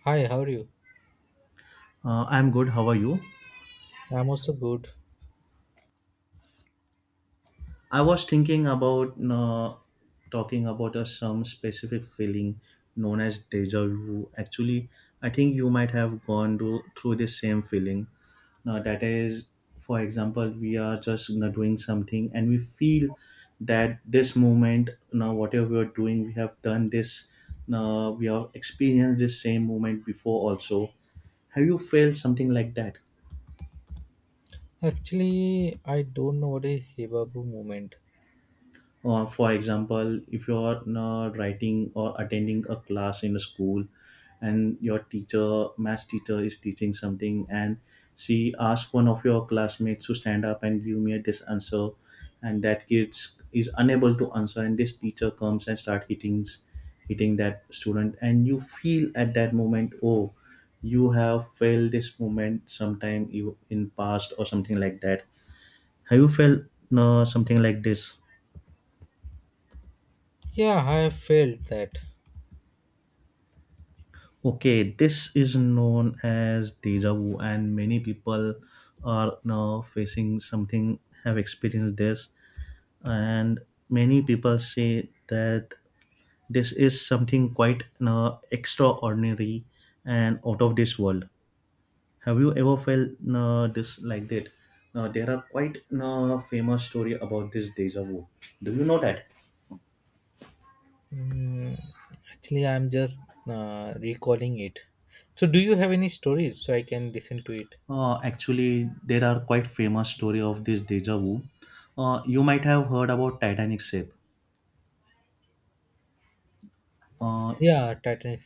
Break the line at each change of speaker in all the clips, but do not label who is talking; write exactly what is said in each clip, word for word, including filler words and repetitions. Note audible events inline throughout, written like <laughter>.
Hi, how are you?
Uh, I'm good. How are you?
I'm also good.
I was thinking about uh, talking about a some specific feeling known as deja vu. Actually, I think you might have gone to, through this same feeling. Now, that is, for example, we are just you know, doing something and we feel that this moment, you know, whatever we are doing, we have done this, you know, we have experienced this same moment before also. Have you felt something like that?
Actually, I don't know what a Hibabu moment.
Uh, for example, if you're uh, writing or attending a class in a school and your teacher, math teacher, is teaching something and she asks one of your classmates to stand up and give me this answer, and that kid is unable to answer, and this teacher comes and start hitting, hitting that student, and you feel at that moment, oh, you have felt this moment sometime you- in past or something like that. Have you felt uh, something like this?
Yeah, I have felt that.
Okay, this is known as deja vu, and many people are now facing something, have experienced this, and many people say that this is something quite uh, extraordinary and out of this world. Have you ever felt uh, this like that? Now, there are quite uh, famous story about this deja vu. Do you know that?
Mm, Actually, I'm just uh, recalling it. So, do you have any stories so I can listen to it?
Uh, actually, there are quite famous story of this deja vu. Uh, you might have heard about Titanic ship. Uh,
Yeah, Titan.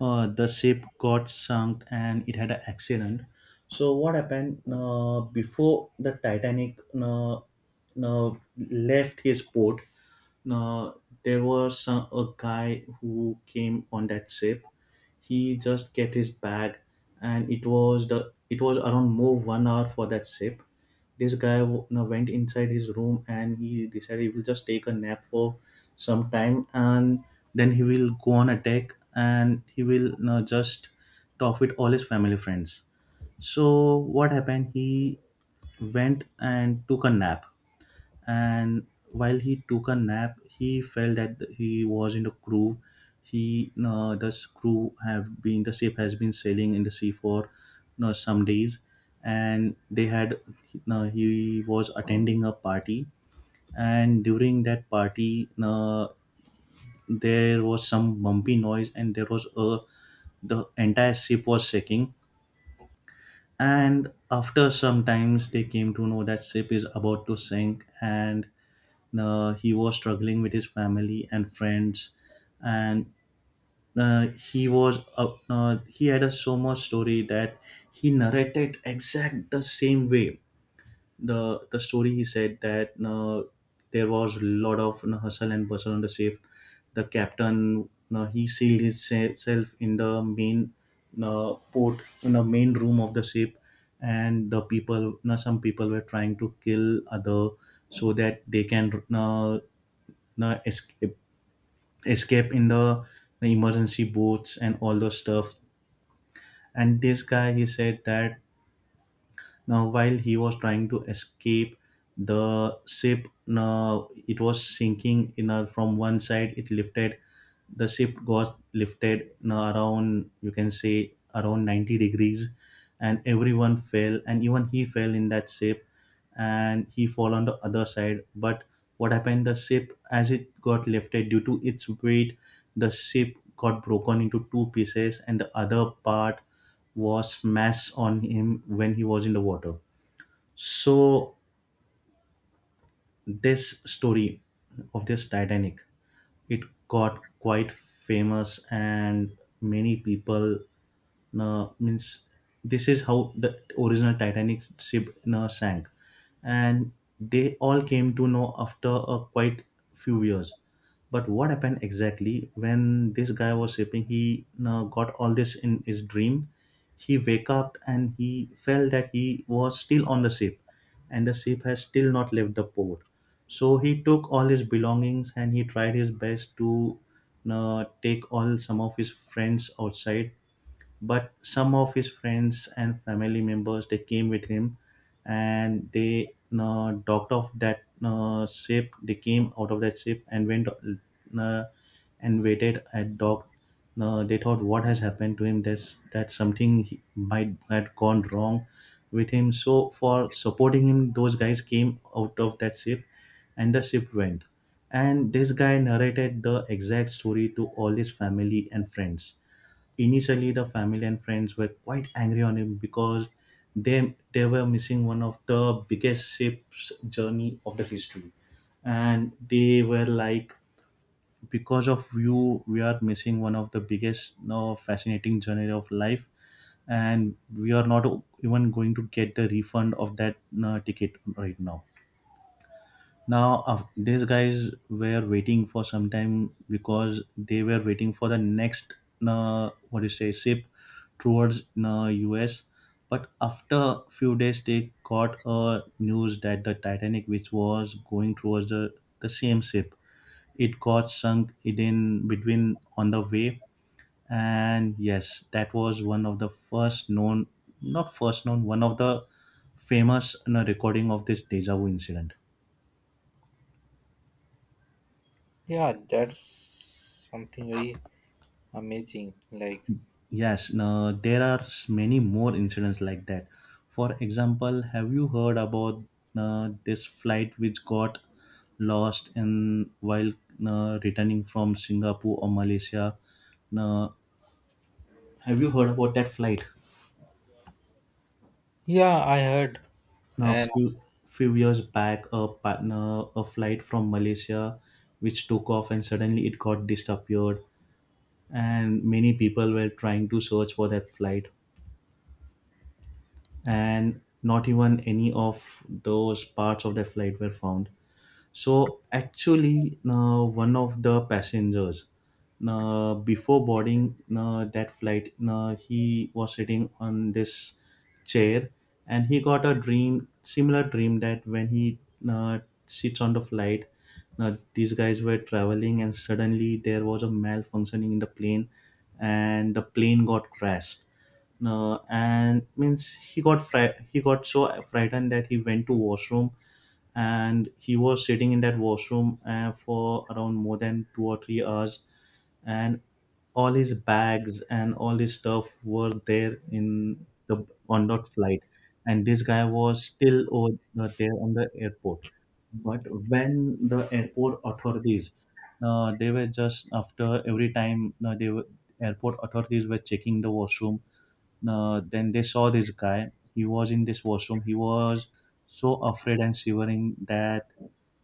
uh, the ship got sunk and it had an accident. So what happened uh, before the Titanic uh, uh, left his port? Now, there was some, a guy who came on that ship. He just kept his bag, and it was the it was around more one hour for that ship. This guy w- now went inside his room and he decided he will just take a nap for some time, and then he will go on a deck and he will now just talk with all his family friends. So what happened? He went and took a nap and while he took a nap he felt that he was in a crew. He uh, The crew have been the ship has been sailing in the sea for uh, some days and they had uh, he was attending a party and during that party uh, there was some bumpy noise and there was a the entire ship was shaking and after some times, they came to know that ship is about to sink, and uh, he was struggling with his family and friends, and uh, he was uh, uh, he had a so much story that he narrated exact the same way the the story he said that uh, there was a lot of you know, hustle and bustle on the ship the captain you know, he sealed himself in the main you know, port in the main room of the ship and the people you know, some people were trying to kill other so that they can you know, you know, escape escape in the, the emergency boats and all those stuff and this guy he said that now, while he was trying to escape, the ship now it was sinking in a, from one side. It lifted, the ship got lifted you around you can say around ninety degrees and everyone fell and even he fell in that ship and he fall on the other side but what happened the ship as it got lifted due to its weight the ship got broken into two pieces and the other part was smashed on him when he was in the water so this story of this titanic it got quite famous and many people uh, means this is how the original titanic ship uh, sank and they all came to know after a quite few years but what happened exactly when this guy was shipping he uh, got all this in his dream he waked up and he felt that he was still on the ship and the ship has still not left the port. So he took all his belongings and he tried his best to uh, take all some of his friends outside but some of his friends and family members they came with him and they uh, docked off that uh, ship they came out of that ship and went uh, and waited at dock uh, they thought what has happened to him There's that something he might had gone wrong with him so for supporting him those guys came out of that ship and the ship went and this guy narrated the exact story to all his family and friends Initially, the family and friends were quite angry on him because they they were missing one of the biggest ship's journey of the history, and they were like, because of you, we are missing one of the biggest, you know, fascinating journey of life, and we are not even going to get the refund of that you know, ticket right now. Now, uh, these guys were waiting for some time because they were waiting for the next, uh, what do you say, ship towards uh, U S. But after few days, they got a news that the Titanic, which was going towards the, the same ship, it got sunk in between on the way. And yes, that was one of the first known, not first known, one of the famous you know, recording of this deja vu incident.
Yeah, that's something very amazing. Like,
Yes, no, there are s- many more incidents like that. For example, have you heard about uh, this flight which got lost in while uh, returning from Singapore or Malaysia? Now, have you heard about that flight?
yeah, I heard.
Now,
And
few Few years back, a partner, a flight from Malaysia, which took off and suddenly it got disappeared, and many people were trying to search for that flight. And not even any of those parts of the flight were found. So actually, uh, one of the passengers, uh, before boarding uh, that flight, uh, he was sitting on this chair, and he got a dream, similar dream that when he uh, sits on the flight, uh, these guys were traveling, and suddenly there was a malfunctioning in the plane, and the plane got crashed. No, and means he got fri- he got so frightened that he went to washroom and he was sitting in that washroom uh, for around more than two or three hours and all his bags and all his stuff were there in the on that flight and this guy was still over, uh, there on the airport but when the airport authorities uh, they were just after every time uh, they were airport authorities were checking the washroom uh, then they saw this guy he was in this washroom he was so afraid and shivering that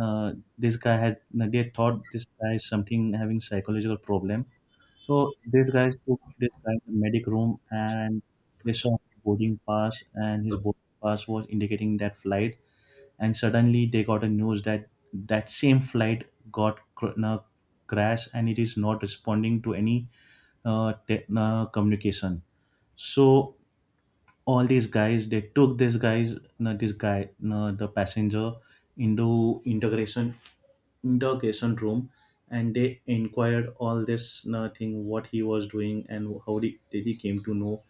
uh, this guy had uh, they thought this guy is something having psychological problem. So these guys took this guy to the medic room and they saw boarding pass and his boarding pass was indicating that flight. And suddenly they got a news that that same flight got cr- uh, crash and it is not responding to any uh, te- uh, communication. So all these guys they took these guys no, this guy no, the passenger into integration interrogation room and they inquired all this no, thing what he was doing and how did, did he came to know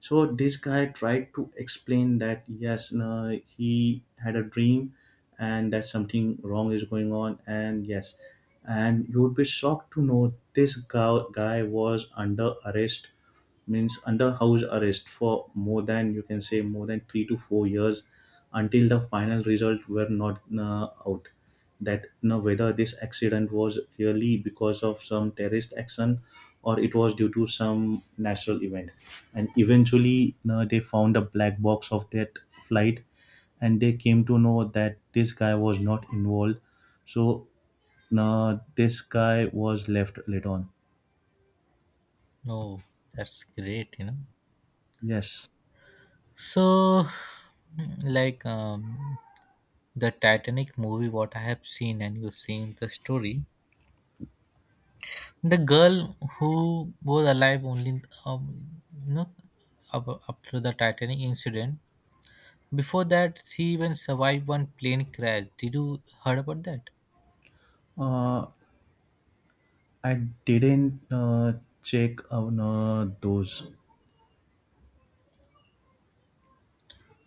so this guy tried to explain that yes no, he had a dream and that something wrong is going on and yes and you would be shocked to know this guy, guy was under arrest means under house arrest for more than you can say more than three to four years until the final result were not uh, out that you know, whether this accident was really because of some terrorist action or it was due to some natural event and eventually you know, they found a black box of that flight and they came to know that this guy was not involved so uh, this guy was left later on.
no, that's great. You know.
Yes.
So, like, um, the Titanic movie, what I have seen, and you've seen the story, the girl who was alive only, um, you know, up, up to the Titanic incident. Before that, she even survived one plane crash. Did you heard about that?
uh, I didn't uh, check on uh, those.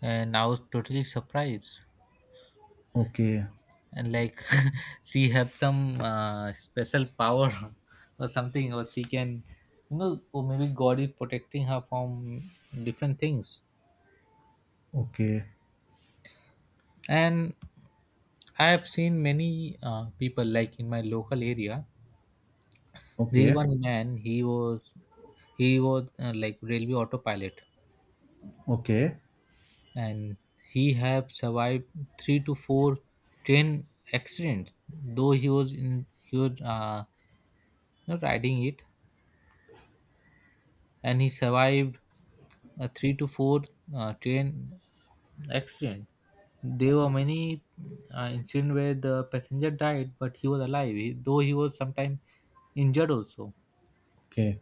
And I was totally surprised.
Okay,
And like, <laughs> she have some uh, special power, <laughs> or something, or she can, you know, or maybe God is protecting her from different things.
okay,
And I have seen many uh, people like in my local area. This
okay,
one man, he was, he was uh, like railway autopilot,
okay,
and he have survived three to four train accidents. Though he was in, he was uh, not riding it, and he survived a three to four uh, train accident. There were many uh, incident where the passenger died, but he was alive. He, though he was sometimes injured also,
okay,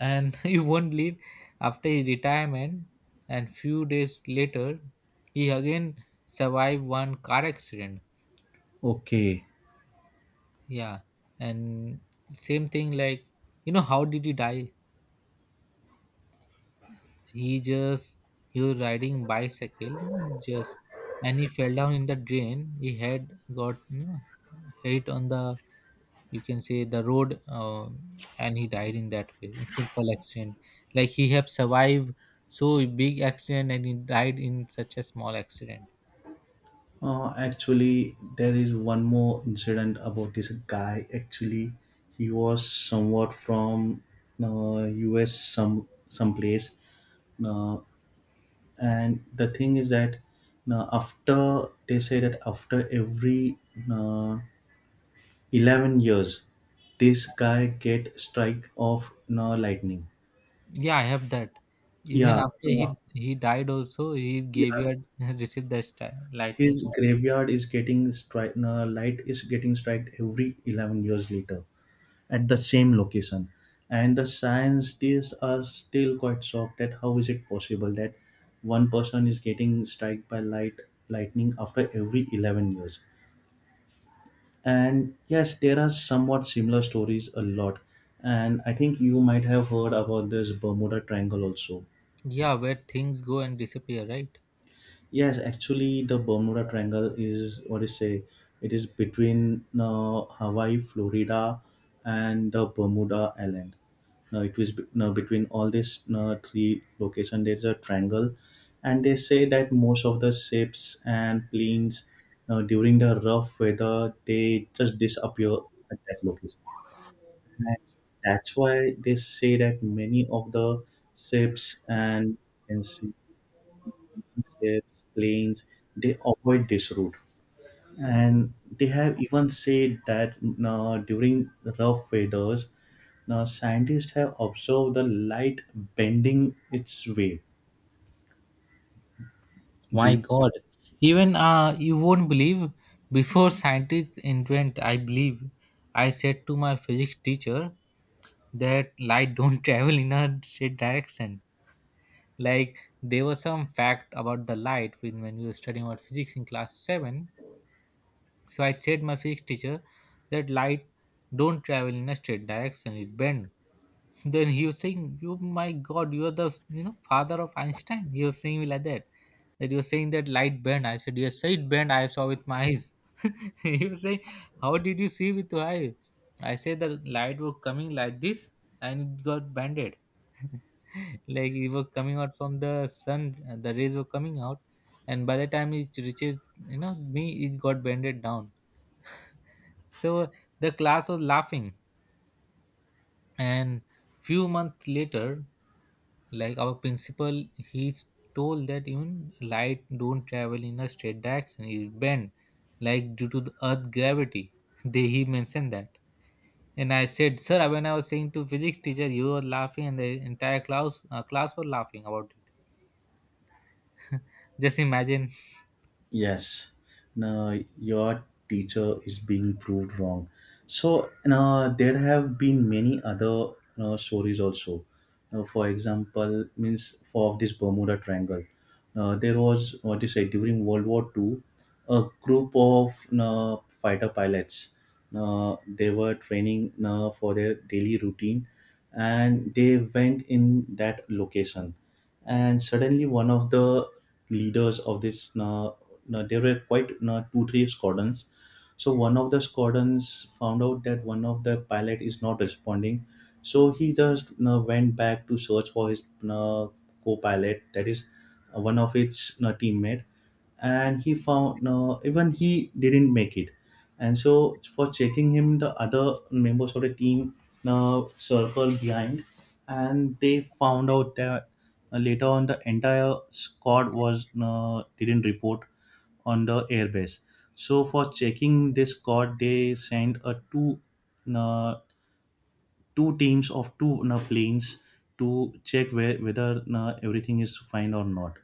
and <laughs> he won't leave. After his retirement and few days later, he again survived one car accident.
okay.
Yeah, and same thing like, you know, how did he die? He just, he was riding bicycle, you know, he just, and he fell down in the drain. He had got, you know, hit on the, you can say, the road um, and he died in that way in simple accident. Like he have survived so big accident and he died in such a small accident.
Uh, actually, there is one more incident about this guy. Actually, he was somewhat from uh, U S some someplace. Uh, and the thing is that uh, after they say that after every uh, eleven years. This guy get strike of no lightning.
Yeah, I have that. Even
Yeah,
after he
uh,
he died also, he gave
yeah.
you a <laughs> received the star, lightning
His
strike.
graveyard is getting strike. No, light is getting striked every eleven years later at the same location. And the scientists are still quite shocked at how is it possible that one person is getting struck by light lightning after every eleven years. And yes, there are somewhat similar stories a lot. And I think you might have heard about this Bermuda Triangle also.
Yeah, where things go and disappear, right?
Yes, actually, the Bermuda Triangle is what do you say? It is between uh, Hawaii, Florida, and the Bermuda Island. Now it was be- now between all these uh, three location there's a triangle, and they say that most of the ships and planes uh, during the rough weather they just disappear at that location. And that's why they say that many of the ships and, and sea- ships, planes, they avoid this route. And they have even said that uh, during rough weathers, now scientists have observed the light bending its way.
My God, even uh you won't believe, before scientists invent I believe, I said to my physics teacher that light don't <laughs> travel in a straight direction. Like there was some fact about the light when, when we were studying about physics in class seven. So I said my physics teacher that light don't travel in a straight direction, it bends. Then he was saying, "You, my God, you are the, you know, father of Einstein." He was saying me like that, that you were saying that light bend. I said, "Yes, sir, it burned. I saw with my eyes." <laughs> He was saying, "How did you see with your eyes?" I said, "The light was coming like this, and it got banded. <laughs> Like it was coming out from the sun. uh, The rays were coming out, and by the time it reaches, you know, me, it got bended down." So the class was laughing, and few months later, like our principal, he's told that even light don't travel in a straight direction, it bend, like due to the earth gravity. <laughs> They, he mentioned that. And I said, sir, when I was saying to physics teacher, you were laughing and the entire class uh, class were laughing about it. Just imagine.
Yes. Now your teacher is being proved wrong. So now there have been many other uh, stories also. Now, for example, means for of this Bermuda Triangle, uh, there was what you say during World War Two, a group of uh, fighter pilots. Uh, they were training uh, for their daily routine, and they went in that location, and suddenly one of the leaders of this uh, uh, there were quite uh, two three squadrons. So one of the squadrons found out that one of the pilot is not responding, so he just uh went back to search for his you co-pilot, that is, uh, one of its you know, teammate, and he found uh even he didn't make it. And so for checking him, the other members of the team uh circled behind, and they found out that uh, later on the entire squad was uh, didn't report on the airbase. So for checking this code, they send a two uh, two teams of two uh, planes to check where, whether uh, everything is fine or not.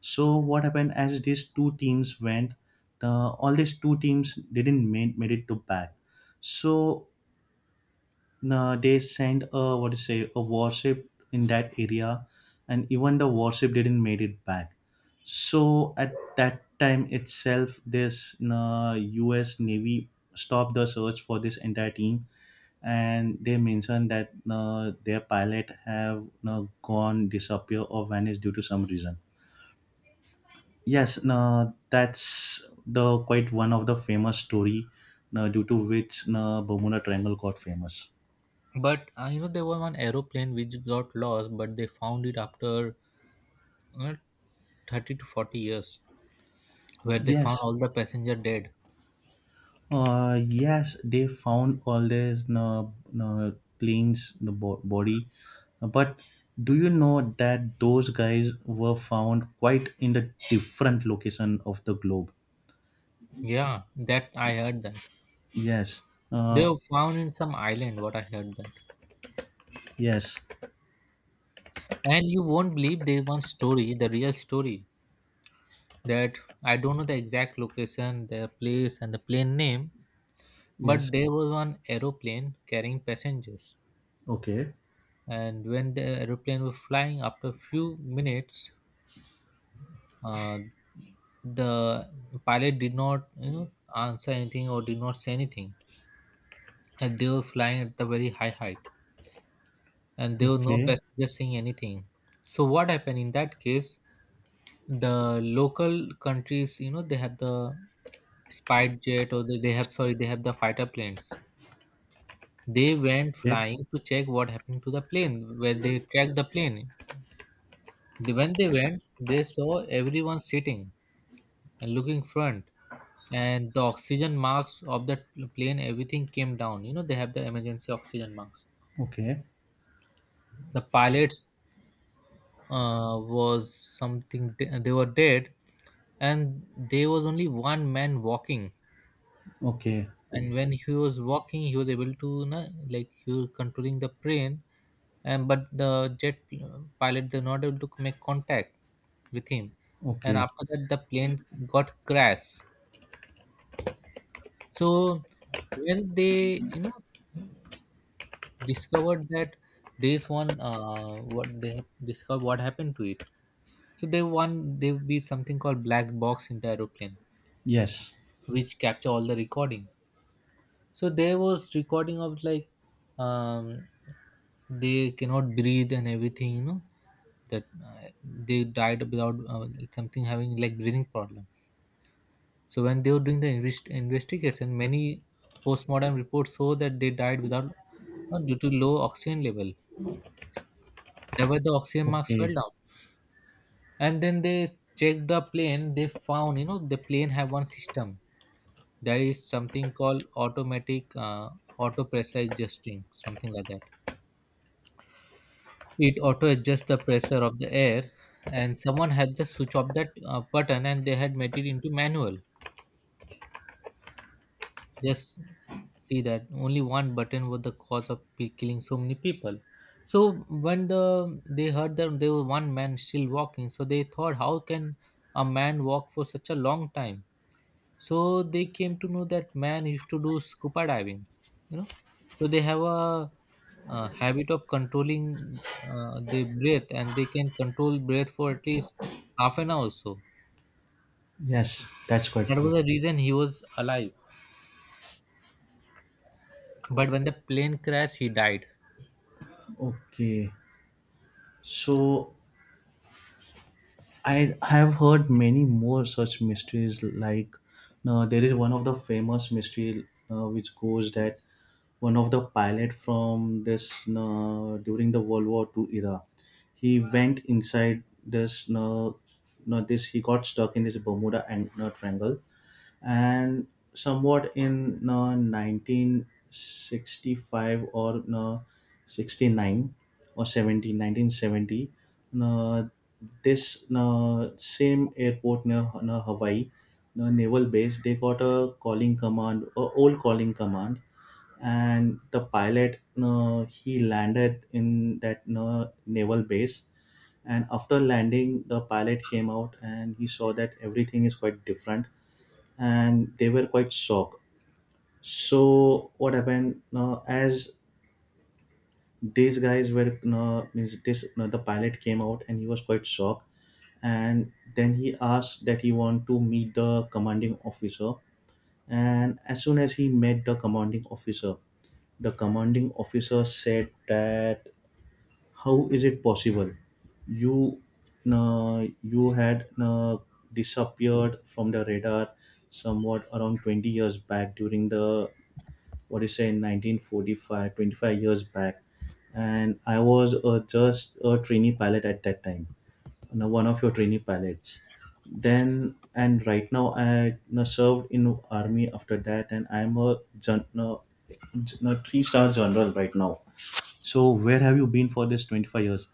So what happened, as these two teams went, the, all these two teams didn't made, made it to back. So uh, they sent a what to say a warship in that area, and even the warship didn't made it back. So at that time itself, this uh, US Navy stopped the search for this entire team, and they mentioned that uh, their pilot have uh, gone disappear or vanished due to some reason. Yes, no, that's the quite one of the famous story, no, due to which, no, Bermuda Triangle got famous.
But uh, you know, there was one aeroplane which got lost, but they found it after uh, thirty to forty years, where they found
Yes.
all the passenger dead.
Uh, yes, they found all this uh, uh, planes, the bo- body. Uh, But do you know that those guys were found quite in the different location of the globe?
Yeah, that I heard that.
Yes.
They
Uh,
were found in some island, what I heard that.
yes.
And you won't believe there one story, the real story, that I don't know the exact location, the place, and the plane name, but
Yes.
there was one aeroplane carrying passengers.
Okay.
And when the aeroplane was flying, after a few minutes, uh, the pilot did not, you know, answer anything or did not say anything, and they were flying at the very high height, and there were no
Okay.
passengers saying anything. So what happened in that case? The local countries, you know, they have the spy jet, or they, they have, sorry, they have the fighter planes. They went
Okay.
flying to check what happened to the plane, where they tracked the plane. They-, when they went, they saw everyone sitting and looking front, and the oxygen marks of the plane, everything came down. You know, they have the emergency oxygen marks.
Okay.
The pilots uh, was something de-, they were dead, and there was only one man walking.
Okay.
And when he was walking, he was able to na-, like he was controlling the plane, and but the jet pilot, they were not able to make contact with him. And
Okay.
after that, the plane got crashed. So when they, you know, discovered that this one uh, what they have discovered what happened to it. So they, one, there would be something called black box in the aeroplane,
Yes.
which capture all the recording. So there was recording of like, um, they cannot breathe and everything, you know, that uh, they died without uh, something having like breathing problem. So when they were doing the invest- investigation, many postmortem reports show that they died without uh, due to low oxygen level. That why the oxygen marks fell
Okay.
down. And then they checked the plane. They found, you know, the plane have one system. There is something called automatic uh, auto pressure adjusting, something like that. It auto adjusts the pressure of the air, and someone had just switch off that uh, button, and they had made it into manual. Just see that only one button was the cause of pe-, killing so many people. So when the, they heard that there was one man still walking, so they thought, how can a man walk for such a long time? So they came to know that man used to do scuba diving, you know. So they have a, uh habit of controlling uh, their breath, and they can control breath for at least half an hour or so.
Yes. That's quite
That
true.
was the reason he was alive. But when the plane crashed, he died.
Okay. So I have heard many more such mysteries. Like, uh, there is one of the famous mystery uh, which goes that one of the pilot from this uh, during the World War Two era, he went inside this. Uh, no, this He got stuck in this Bermuda and uh, Triangle, and somewhat in uh, nineteen sixty-five or uh, sixty-nine or seventy nineteen seventy nineteen seventy. Uh, this uh, same airport near, near Hawaii uh, naval base, they got a calling command, a old calling command, and the pilot uh, he landed in that uh, naval base. And after landing, the pilot came out and he saw that everything is quite different, and they were quite shocked. So what happened now? As these guys were no, means this no, The pilot came out and he was quite shocked, and then he asked that he want to meet the commanding officer. And as soon as he met the commanding officer, the commanding officer said that, how is it possible? You, uh, you had uh, disappeared from the radar somewhat around twenty years back during the what do you say nineteen forty-five, twenty-five years back. And I was uh, just a trainee pilot at that time, you know, one of your trainee pilots. Then, and right now I, you know, served in army after that, and I'm a, gen- no, gen- no, three star general right now. So where have you been for this twenty-five years?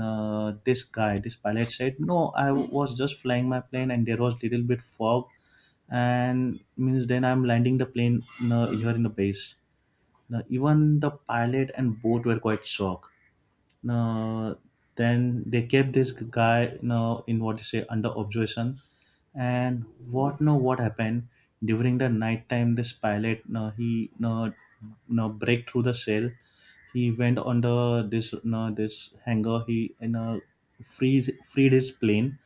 uh, This guy, this pilot said, no, I was just flying my plane and there was little bit fog, and means then I'm landing the plane uh, here in the base. Now even the pilot and boat were quite shocked. Now, then they kept this guy now in what you say under observation. And what no what happened, during the night time this pilot, no he no no break through the cell, he went under this, no this hangar, he, you know, freeze freed his plane.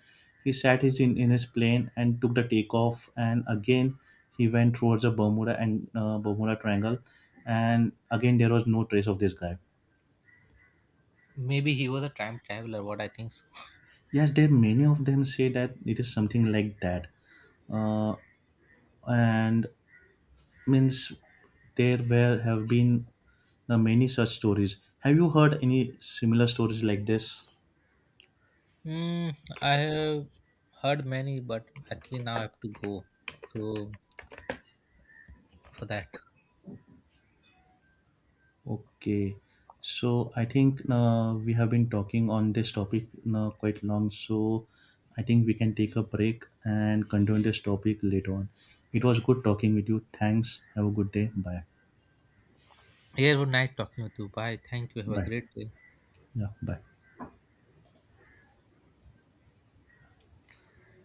He sat his in, in his plane and took the takeoff, and again he went towards the Bermuda and uh, Bermuda Triangle, and again there was no trace of this guy.
Maybe he was a time traveler. What I think so. <laughs>
Yes, there many of them say that it is something like that, uh, and means there were have been uh, many such stories. Have you heard any similar stories like this?
Mm, I have heard many, but actually now I have to go. So for that,
Okay, so I think uh, we have been talking on this topic uh, quite long, so I think we can take a break and continue this topic later on. It was good talking with you. Thanks. Have a good day. Bye.
yeah, it was nice talking with you. Bye. Thank you. Have a
Bye.
great day.
Yeah. Bye.